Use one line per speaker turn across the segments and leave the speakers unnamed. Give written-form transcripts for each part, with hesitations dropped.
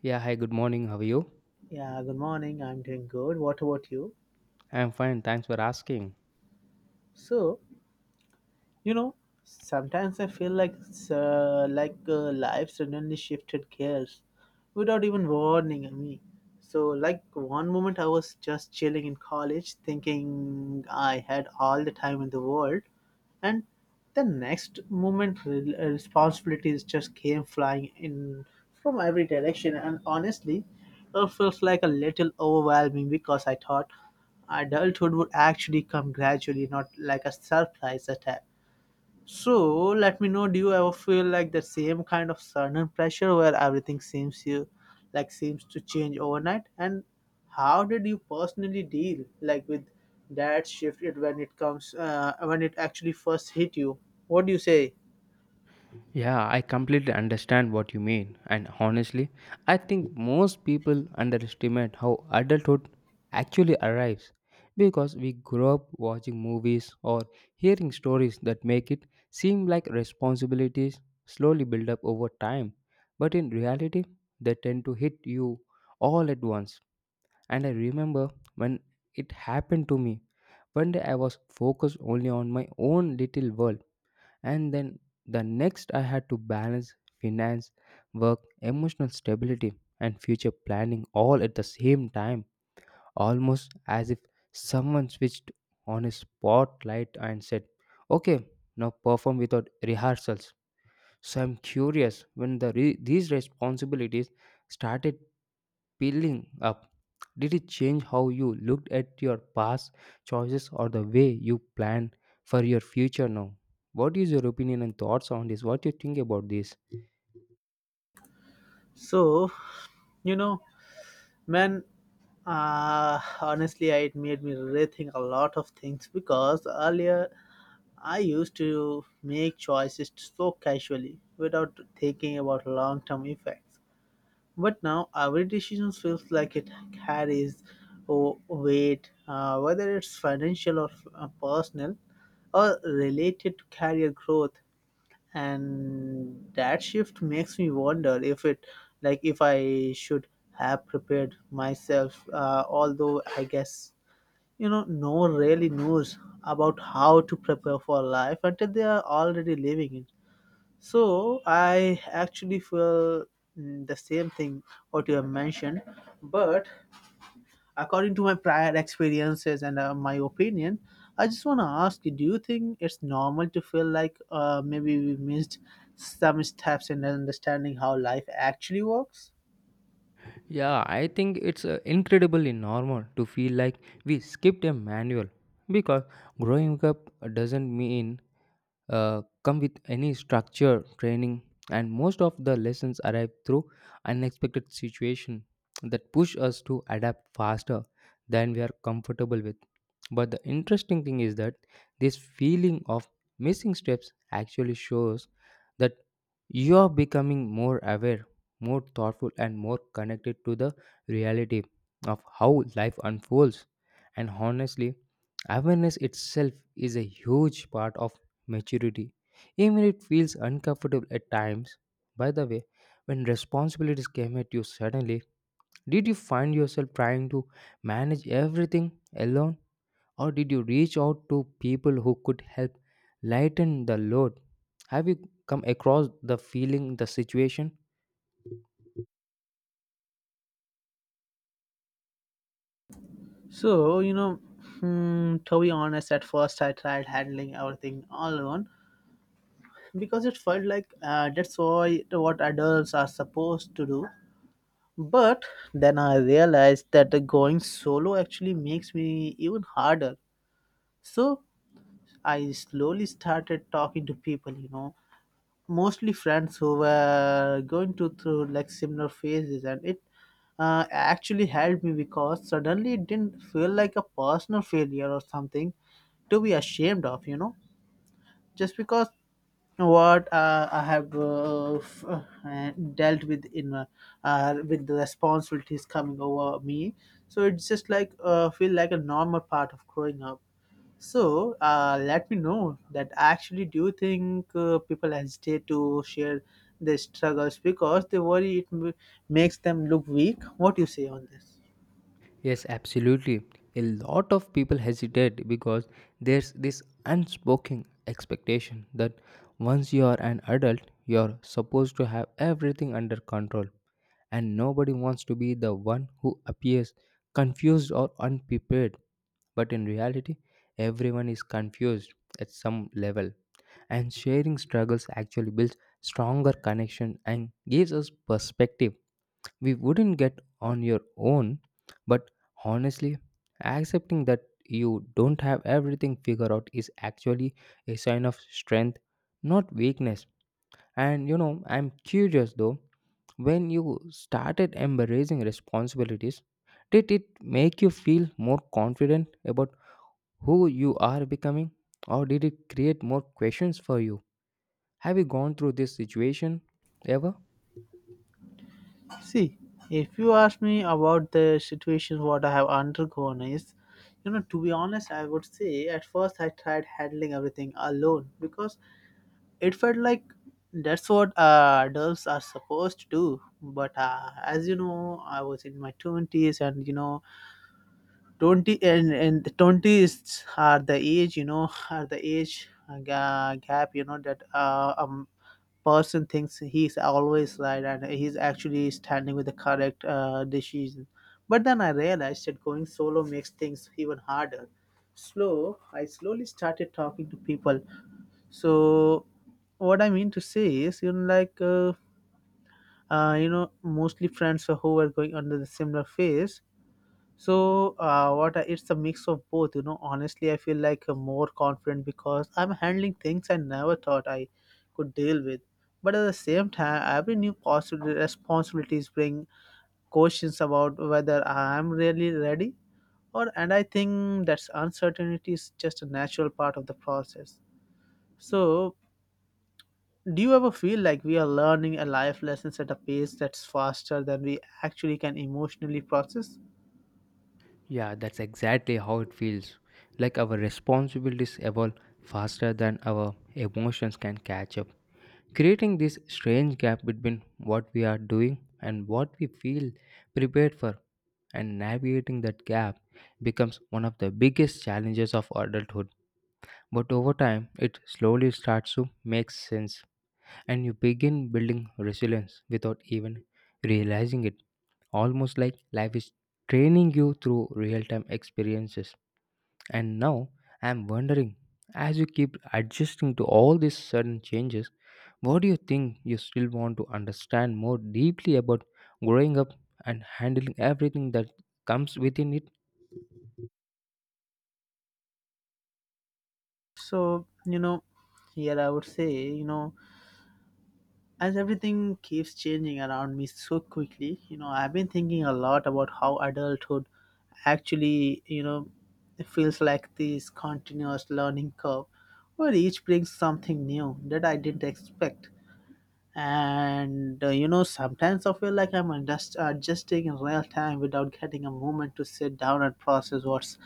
Yeah, hi, good morning. How are you?
Yeah, good morning. I'm doing good. What about you?
I'm fine, thanks for asking.
So, you know, sometimes I feel like life suddenly shifted gears without even warning me. So, like, one moment I was just chilling in college, thinking I had all the time in the world, and the next moment responsibilities just came flying in from every direction, and honestly it felt like a little overwhelming because I thought adulthood would actually come gradually, not like a surprise attack. So let me know, do you ever feel like the same kind of sudden pressure where everything seems you like seems to change overnight? And how did you personally deal like with that shift it when it comes when it actually first hit you? What do you say?
Yeah, I completely understand what you mean, and honestly, I think most people underestimate how adulthood actually arrives because we grow up watching movies or hearing stories that make it seem like responsibilities slowly build up over time, but in reality, they tend to hit you all at once. And I remember when it happened to me. One day I was focused only on my own little world, and then the next I had to balance finance, work, emotional stability, and future planning all at the same time, almost as if someone switched on a spotlight and said, "Okay, now perform without rehearsals." So I'm curious, when the these responsibilities started peeling up, did it change how you looked at your past choices or the way you plan for your future now? What is your opinion and thoughts on this? What do you think about this?
So, you know, man, honestly, it made me rethink a lot of things because earlier I used to make choices so casually without thinking about long term effects. But now every decision feels like it carries oh, weight, whether it's financial or personal or related to career growth. And that shift makes me wonder if it, like, if I should have prepared myself. Although I guess, you know, no one really knows about how to prepare for life until they are already living it. So I actually feel the same thing what you have mentioned, but according to my prior experiences and my opinion, I just want to ask you: do you think it's normal to feel like maybe we missed some steps in understanding how life actually works?
Yeah, I think it's incredibly normal to feel like we skipped a manual because growing up doesn't mean come with any structure training, and most of the lessons arrive through unexpected situation that push us to adapt faster than we are comfortable with. But the interesting thing is that this feeling of missing steps actually shows that you are becoming more aware, more thoughtful, and more connected to the reality of how life unfolds. And honestly, awareness itself is a huge part of maturity, even if it feels uncomfortable at times. By the way, when responsibilities came at you suddenly, did you find yourself trying to manage everything alone, or did you reach out to people who could help lighten the load? Have you come across the feeling, the situation?
So, you know, hmm, to be honest, at first I tried handling everything all alone because it felt like that's why what adults are supposed to do. But then I realized that the going solo actually makes me even harder. So I slowly started talking to people, you know, mostly friends who were going to through like similar phases, and it actually helped me because suddenly it didn't feel like a personal failure or something to be ashamed of, you know, just because what I have dealt with in with the responsibilities coming over me. So it's just like feel like a normal part of growing up. So let me know that actually do you think people hesitate to share their struggles because they worry it makes them look weak? What do you say on this?
Yes, absolutely. A lot of people hesitate because there's this unspoken expectation that once you are an adult, you're supposed to have everything under control, and nobody wants to be the one who appears confused or unprepared. But in reality, everyone is confused at some level, and sharing struggles actually builds stronger connection and gives us perspective we wouldn't get on your own. But honestly, accepting that you don't have everything figured out is actually a sign of strength, not weakness. And you know, I'm curious though, when you started embracing responsibilities, did it make you feel more confident about who you are becoming, or did it create more questions for you? Have you gone through this situation ever?
See, if you ask me about the situation, what I have undergone is, you know, to be honest, I would say at first I tried handling everything alone because it felt like that's what adults are supposed to do. But as you know, I was in my 20s and, you know, 20 and the 20s are the age, you know, are the age gap, you know, that person thinks he's always right and he's actually standing with the correct decision. But then I realized that going solo makes things even harder. Slow I slowly started talking to people. So what I mean to say is, you know, like you know, mostly friends who were going under the similar phase. So, what I, it's a mix of both, you know. Honestly, I feel like more confident because I'm handling things I never thought I could deal with. But at the same time, every new possible responsibilities bring questions about whether I'm really ready, or and I think that's uncertainty is just a natural part of the process. So, do you ever feel like we are learning a life lessons at a pace that's faster than we actually can emotionally process?
Yeah, that's exactly how it feels. Like our responsibilities evolve faster than our emotions can catch up, creating this strange gap between what we are doing and what we feel prepared for, and navigating that gap becomes one of the biggest challenges of adulthood. But over time, it slowly starts to make sense, and you begin building resilience without even realizing it. Almost like life is training you through real time experiences. And now I'm wondering, as you keep adjusting to all these sudden changes, what do you think you still want to understand more deeply about growing up and handling everything that comes within it?
So, you know, here I would say, you know, as everything keeps changing around me so quickly, you know, I've been thinking a lot about how adulthood actually, you know, it feels like this continuous learning curve where each brings something new that I didn't expect. And you know, sometimes I feel like I'm adjusting in real time without getting a moment to sit down and process what's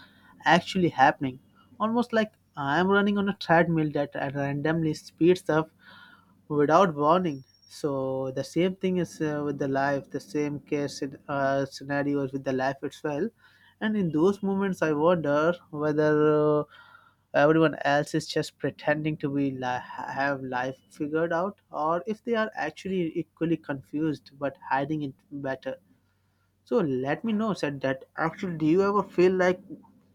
actually happening, almost like I'm running on a treadmill that randomly speeds up without warning. So the same thing is with the life, the same case scenarios with the life itself. And in those moments I wonder whether everyone else is just pretending to have life figured out, or if they are actually equally confused but hiding it better. So let me know said that actually do you ever feel like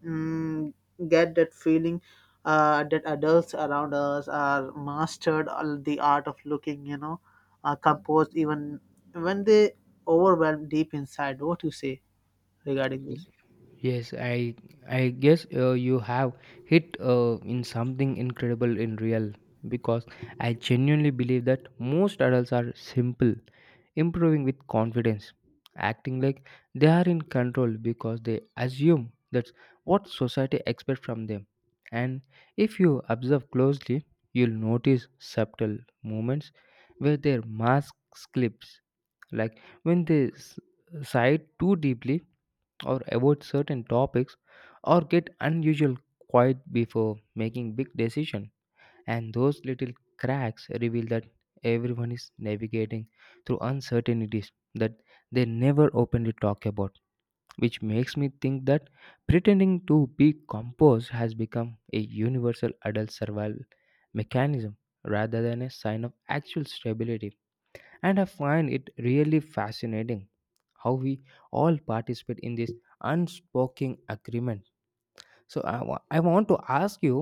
mm, get that feeling that adults around us are mastered all the art of looking, you know, composed even when they overwhelm deep inside. What you say regarding this?
Yes, I guess you have hit in something incredible in real, because I genuinely believe that most adults are simple, improving with confidence, acting like they are in control because they assume that's what society expects from them. And if you observe closely, you'll notice subtle moments where their mask slips, like when they sigh too deeply or avoid certain topics or get unusual quiet before making big decisions. And those little cracks reveal that everyone is navigating through uncertainties that they never openly talk about, which makes me think that pretending to be composed has become a universal adult survival mechanism rather than a sign of actual stability. And I find it really fascinating how we all participate in this unspoken agreement. So I want to ask you,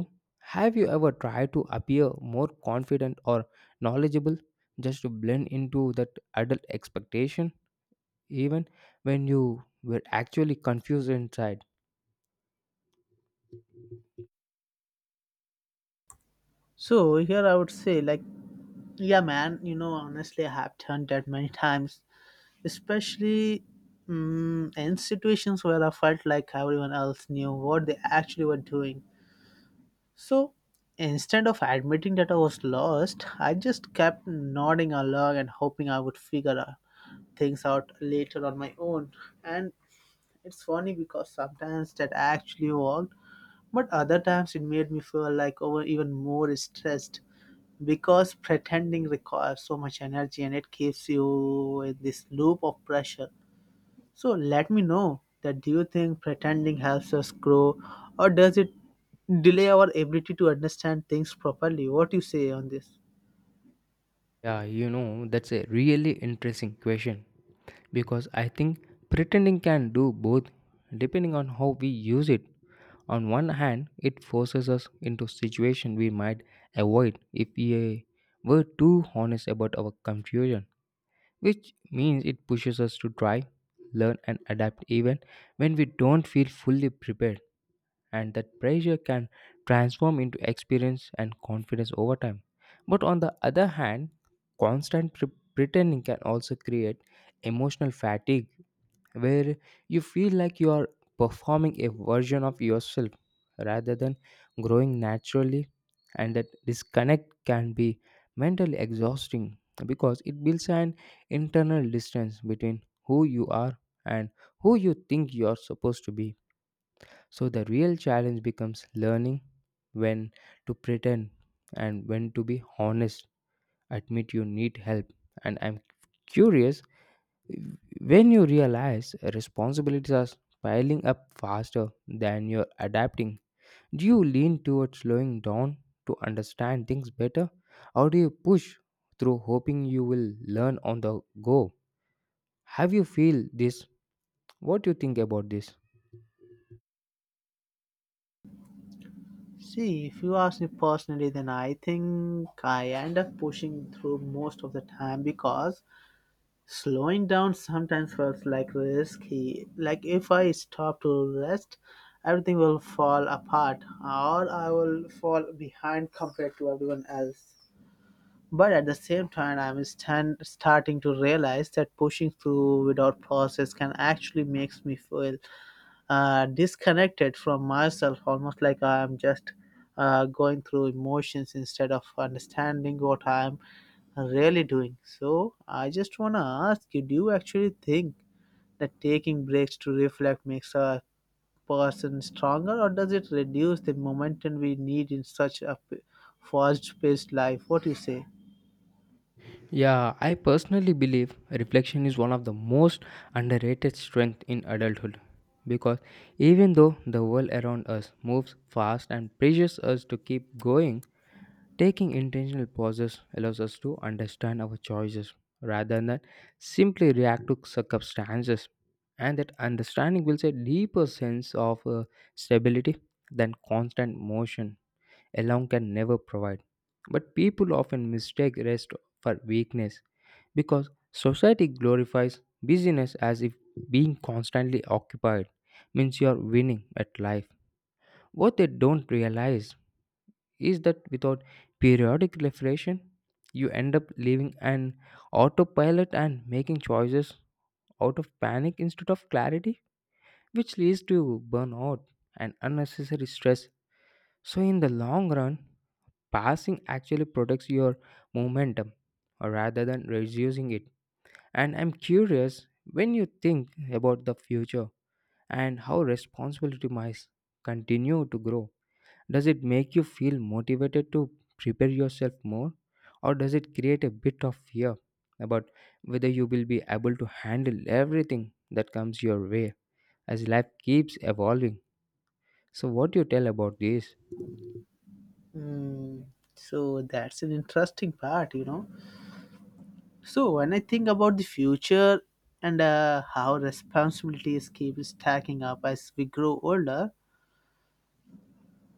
have you ever tried to appear more confident or knowledgeable just to blend into that adult expectation, even when you were actually confused inside?
So here I would say like, yeah, man. You know, honestly, I have done that many times, especially in situations where I felt like everyone else knew what they actually were doing. So instead of admitting that I was lost, I just kept nodding along and hoping I would figure out things out later on my own. And it's funny because sometimes that actually worked, but other times it made me feel like over even more stressed because pretending requires so much energy and it keeps you in this loop of pressure. So let me know that, do you think pretending helps us grow, or does it delay our ability to understand things properly? What do you say on this?
Yeah, you know, that's a really interesting question because I think pretending can do both depending on how we use it. On one hand, it forces us into situations we might avoid if we were too honest about our confusion, which means it pushes us to try, learn, and adapt even when we don't feel fully prepared. And that pressure can transform into experience and confidence over time. But on the other hand, constant pretending can also create emotional fatigue where you feel like you are performing a version of yourself rather than growing naturally, and that disconnect can be mentally exhausting because it builds an internal distance between who you are and who you think you are supposed to be. So the real challenge becomes learning when to pretend and when to be honest, admit you need help. And I'm curious, when you realize responsibilities are piling up faster than you're adapting, do you lean towards slowing down to understand things better, or do you push through hoping you will learn on the go? Have you feel this? What do you think about this?
See, if you ask me personally, then I think I end up pushing through most of the time because slowing down sometimes feels like risky, like if I stop to rest, everything will fall apart or I will fall behind compared to everyone else. But at the same time, starting to realize that pushing through without process can actually makes me feel disconnected from myself, almost like I'm just going through emotions instead of understanding what I'm really doing. So I just wanna ask you: do you actually think that taking breaks to reflect makes a person stronger, or does it reduce the momentum we need in such a fast-paced life? What do you say?
Yeah, I personally believe reflection is one of the most underrated strength in adulthood because even though the world around us moves fast and pressures us to keep going, taking intentional pauses allows us to understand our choices rather than simply react to circumstances, and that understanding builds a deeper sense of stability than constant motion alone can never provide. But people often mistake rest for weakness because society glorifies busyness as if being constantly occupied means you are winning at life. What they don't realize is that without periodic reflection, you end up living an autopilot and making choices out of panic instead of clarity, which leads to burnout and unnecessary stress. So, in the long run, passing actually protects your momentum or rather than reducing it. And I'm curious, when you think about the future and how responsibility might continue to grow, does it make you feel motivated to prepare yourself more, or does it create a bit of fear about whether you will be able to handle everything that comes your way as life keeps evolving? So, what do you tell about this?
Mm, so that's an interesting part, you know. So when I think about the future and how responsibilities keep stacking up as we grow older,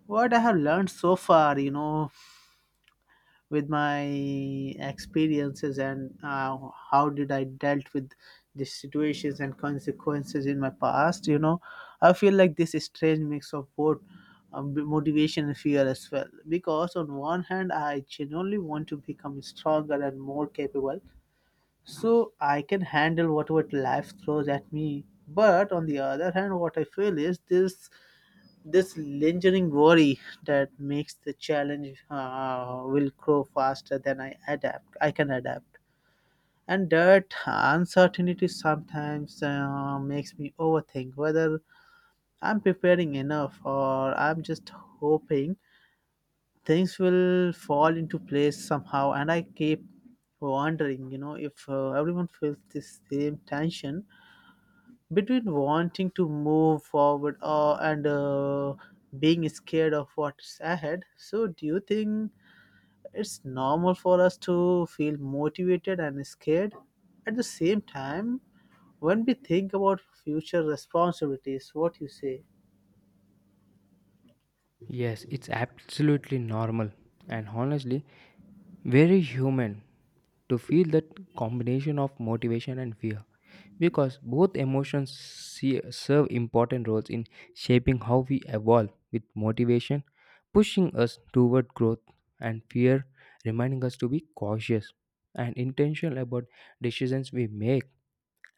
what I have learned so far, you know, with my experiences and how did I dealt with the situations and consequences in my past, you know, I feel like this strange mix of both motivation and fear as well. Because on one hand, I genuinely want to become stronger and more capable so I can handle whatever life throws at me. But on the other hand, what I feel is this lingering worry that makes the challenge will grow faster than I adapt. I can adapt, and that uncertainty sometimes makes me overthink whether I'm preparing enough or I'm just hoping things will fall into place somehow. And I keep wondering, you know, if everyone feels the same tension between wanting to move forward and being scared of what's ahead. So, do you think it's normal for us to feel motivated and scared at the same time when we think about future responsibilities? What you say?
Yes, it's absolutely normal. And honestly, very human to feel that combination of motivation and fear, because both emotions serve important roles in shaping how we evolve, with motivation pushing us toward growth and fear reminding us to be cautious and intentional about decisions we make.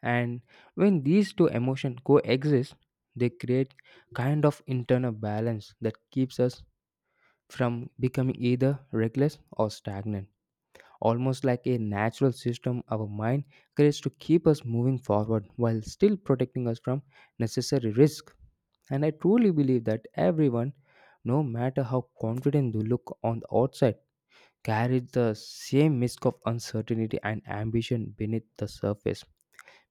And when these two emotions coexist, they create kind of internal balance that keeps us from becoming either reckless or stagnant, almost like a natural system our mind creates to keep us moving forward while still protecting us from necessary risk. And I truly believe that everyone, no matter how confident they look on the outside, carries the same risk of uncertainty and ambition beneath the surface,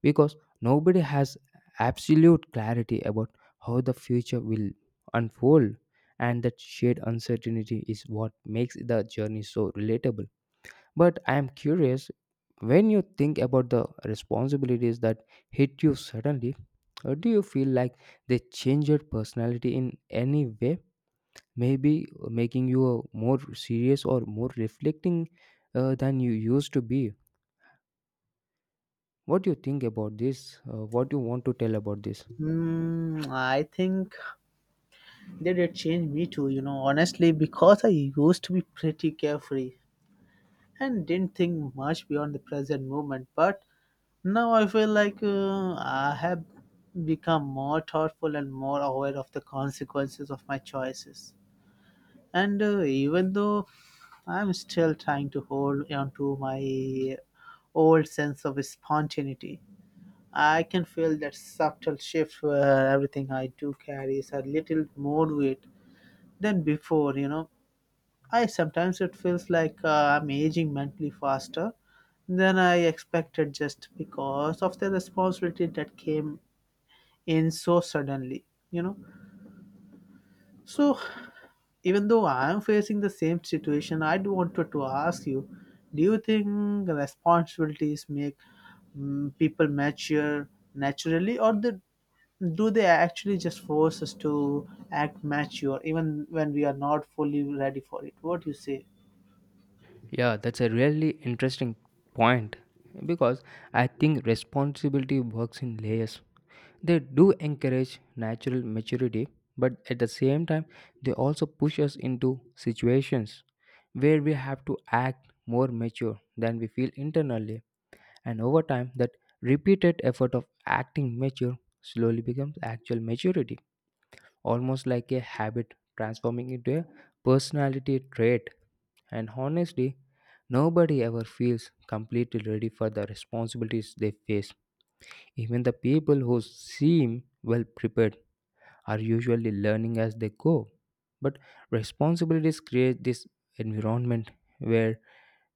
because nobody has absolute clarity about how the future will unfold, and that shared uncertainty is what makes the journey so relatable. But I am curious, when you think about the responsibilities that hit you suddenly, do you feel like they change your personality in any way? Maybe making you a more serious or more reflecting than you used to be. What do you think about this? What do you want to tell about this?
Hmm, I think that it changed me too, you know, honestly, because I used to be pretty carefree and didn't think much beyond the present moment. But now I feel like I have become more thoughtful and more aware of the consequences of my choices. And even though I'm still trying to hold on to my old sense of spontaneity, I can feel that subtle shift where everything I do carries a little more weight than before, you know. I sometimes it feels like I'm aging mentally faster than I expected just because of the responsibility that came in so suddenly, you know. So even though I am facing the same situation, I do wanted to ask you, do you think responsibilities make people mature naturally, or the, do they actually just force us to act mature even when we are not fully ready for it? What do you say?
Yeah, that's a really interesting point because I think responsibility works in layers. They do encourage natural maturity, but at the same time, they also push us into situations where we have to act more mature than we feel internally. And over time, that repeated effort of acting mature slowly becomes actual maturity, almost like a habit transforming into a personality trait. And honestly, nobody ever feels completely ready for the responsibilities they face, even the people who seem well prepared are usually learning as they go. But responsibilities create this environment where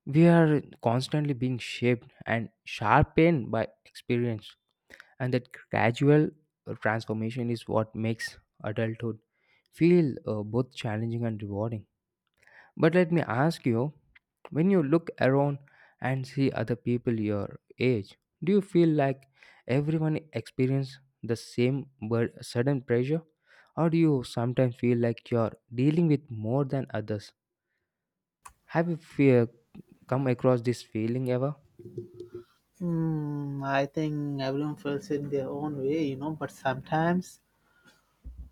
we are constantly being shaped and sharpened by experience, and that gradual transformation is what makes adulthood feel both challenging and rewarding. But let me ask you, when you look around and see other people your age, do you feel like everyone experiences the same sudden pressure? Or do you sometimes feel like you're dealing with more than others? Have you fear come across this feeling ever?
Hmm, I think everyone feels it their own way, you know, but sometimes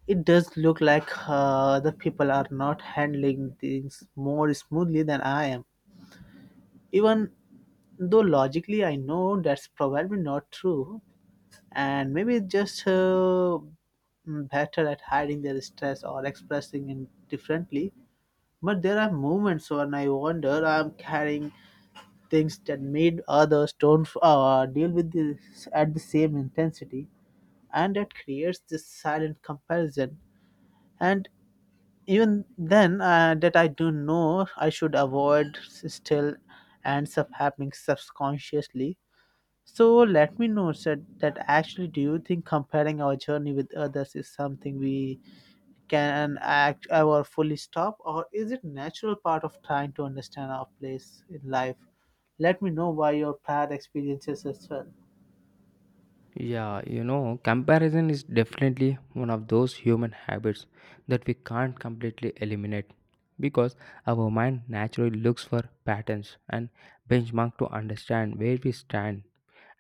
it does look like the people are not handling things more smoothly than I am. Even though logically I know that's probably not true, and maybe it's just better at hiding their stress or expressing it differently. But there are moments when I wonder I'm carrying things that made others don't deal with this at the same intensity, and that creates this silent comparison. And even then that I do know I should avoid still ends up happening subconsciously. So let me know sir. That actually, do you think comparing our journey with others is something we can act ever fully stop, or is it natural part of trying to understand our place in life? Let me know why your prior experiences as well.
Yeah, you know, comparison is definitely one of those human habits that we can't completely eliminate because our mind naturally looks for patterns and benchmark to understand where we stand.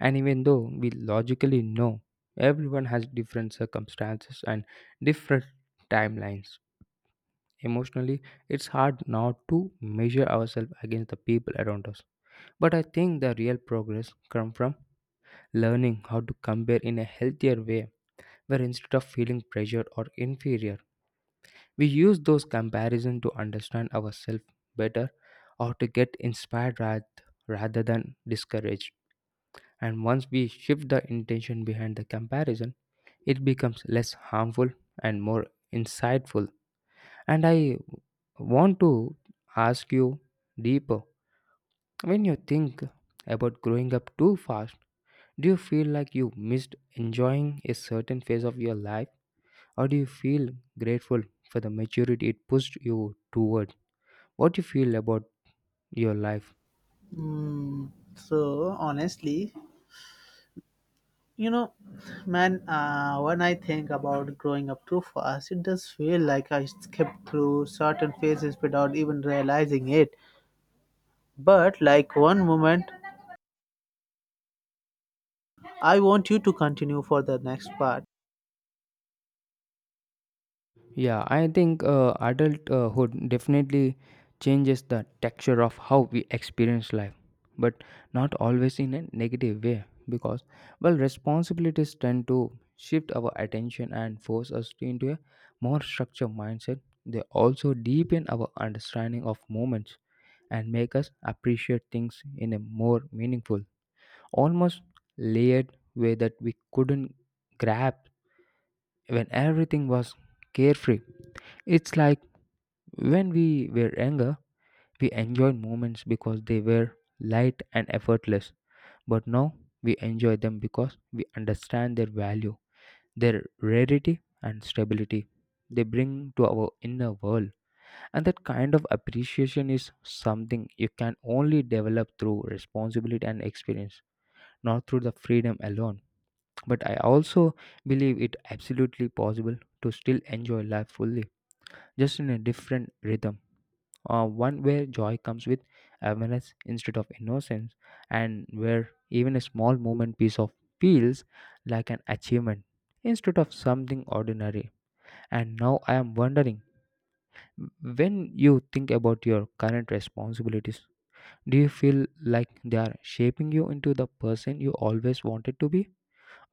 And even though we logically know everyone has different circumstances and different timelines, emotionally it's hard not to measure ourselves against the people around us. But I think the real progress comes from learning how to compare in a healthier way where, instead of feeling pressured or inferior, we use those comparisons to understand ourselves better or to get inspired rather than discouraged. And once we shift the intention behind the comparison, it becomes less harmful and more insightful. And I want to ask you deeper, when you think about growing up too fast, do you feel like you missed enjoying a certain phase of your life? Or do you feel grateful for the maturity it pushed you toward? What do you feel about your life?
Hmm. So honestly, you know, man, when I think about growing up too fast, it does feel like I skipped through certain phases without even realizing it. But, like, one moment, I want you to continue for the next part.
Yeah, I think adulthood definitely changes the texture of how we experience life, but not always in a negative way because, well, responsibilities tend to shift our attention and force us into a more structured mindset. They also deepen our understanding of moments and make us appreciate things in a more meaningful, almost layered way that we couldn't grasp when everything was carefree. It's like when we were younger, we enjoyed moments because they were light and effortless, but now we enjoy them because we understand their value, their rarity, and stability they bring to our inner world. And that kind of appreciation is something you can only develop through responsibility and experience, not through the freedom alone. But I also believe it absolutely possible to still enjoy life fully, just in a different rhythm. One where joy comes with awareness instead of innocence, and where even a small moment piece of feels like an achievement instead of something ordinary. And now I am wondering, when you think about your current responsibilities, do you feel like they are shaping you into the person you always wanted to be?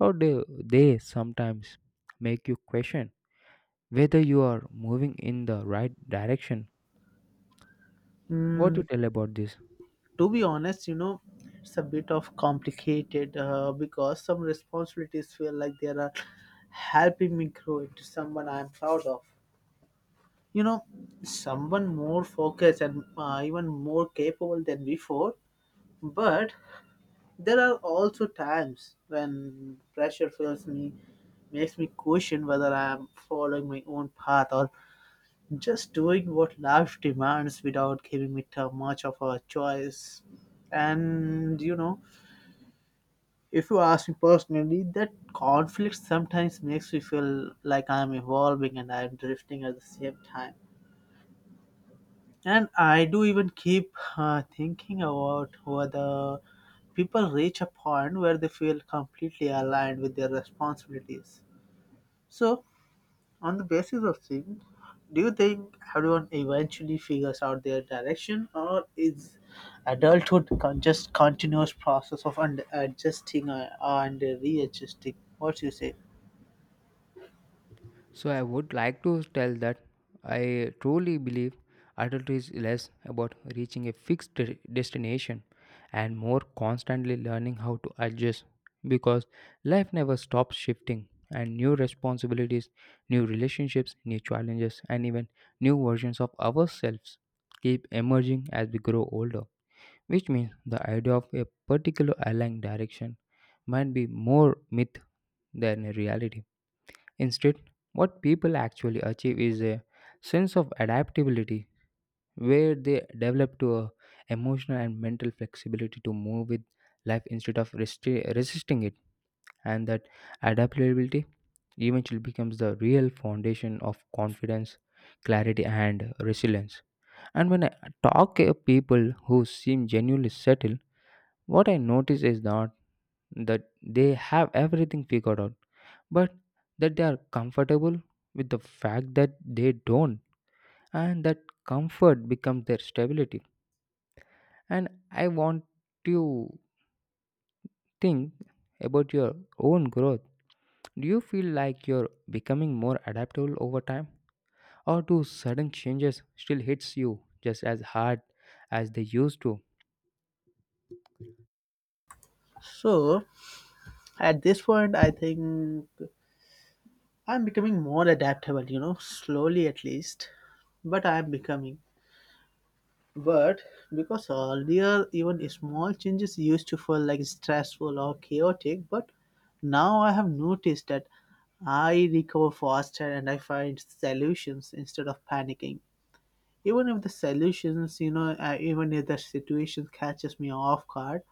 Or do they sometimes make you question whether you are moving in the right direction? What do
Mm,
you tell about this?
to be honest, you know, it's a bit of complicated because some responsibilities feel like they are helping me grow into someone I'm proud of. You know, someone more focused and, even more capable than before. But there are also times when pressure fills me, makes me question whether I am following my own path or just doing what life demands without giving me too much of a choice. And you know, if you ask me personally, that conflict sometimes makes me feel like I'm evolving and I'm drifting at the same time. And I do even keep thinking about whether people reach a point where they feel completely aligned with their responsibilities. So, on the basis of things, do you think everyone eventually figures out their direction, or is adulthood just continuous process of adjusting and readjusting? What you say?
So I would like to tell that I truly believe adulthood is less about reaching a fixed destination and more constantly learning how to adjust because life never stops shifting, and new responsibilities, new relationships, new challenges and even new versions of ourselves keep emerging as we grow older, which means the idea of a particular airline direction might be more myth than a reality. Instead, what people actually achieve is a sense of adaptability where they develop to a emotional and mental flexibility to move with life instead of resisting it, and that adaptability eventually becomes the real foundation of confidence, clarity and resilience. And when I talk to people who seem genuinely settled, what I notice is not that they have everything figured out, but that they are comfortable with the fact that they don't, and that comfort becomes their stability. And I want to think about your own growth. Do you feel like you're becoming more adaptable over time, or do sudden changes still hits you just as hard as they used to?
So, at this point, I think I'm becoming more adaptable, you know, slowly at least. But I'm becoming. But because earlier, even small changes used to feel like stressful or chaotic, but now I have noticed that I recover faster and I find solutions instead of panicking. Even if the solutions, you know, even if the situation catches me off guard,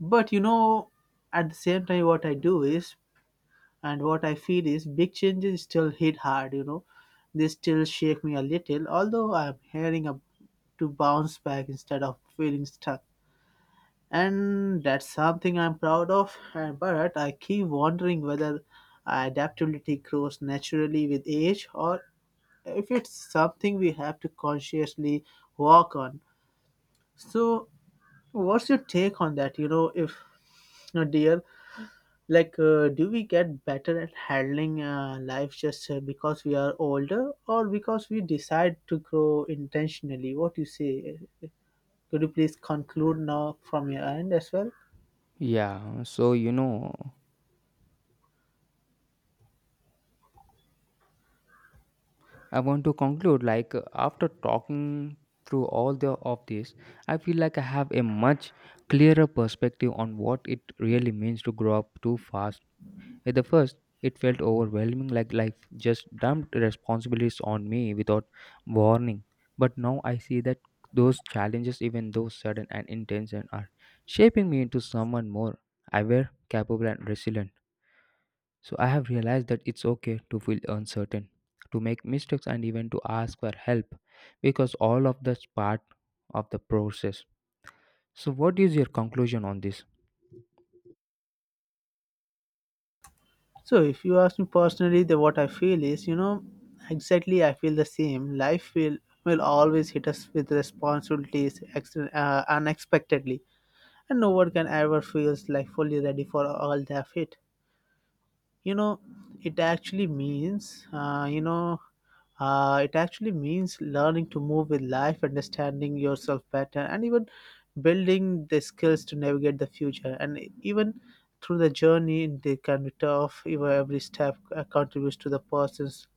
but you know, at the same time, what I do is and what I feel is big changes still hit hard, you know. They still shake me a little, although I'm hearing up to bounce back instead of feeling stuck. And that's something I'm proud of, but I keep wondering whether adaptability grows naturally with age or if it's something we have to consciously work on. So, what's your take on that? You know, if, you know, dear, like do we get better at handling life just because we are older or because we decide to grow intentionally? What you say? Could you please conclude now from your end as well?
Yeah, so you know, I want to conclude like after talking through all the of this, I feel like I have a much clearer perspective on what it really means to grow up too fast. At the first, it felt overwhelming like life just dumped responsibilities on me without warning. But now I see that those challenges, even though sudden and intense, and are shaping me into someone more aware, capable, and resilient. So I have realized that it's okay to feel uncertain, to make mistakes, and even to ask for help because all of that's part of the process. So, what is your conclusion on this?
So if you ask me personally, the what I feel is, you know, exactly, I feel the same. Life will always hit us with responsibilities unexpectedly, and no one can ever feels like fully ready for all they have hit, you know. It actually means, you know, it actually means learning to move with life, understanding yourself better, and even building the skills to navigate the future, and even through the journey they can be tough, even every step contributes to the person's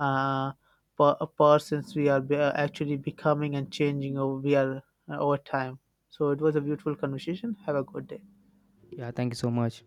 uh, a persons we are actually becoming and changing over we are over time. So it was a beautiful conversation. Have a good day.
Yeah, thank you so much.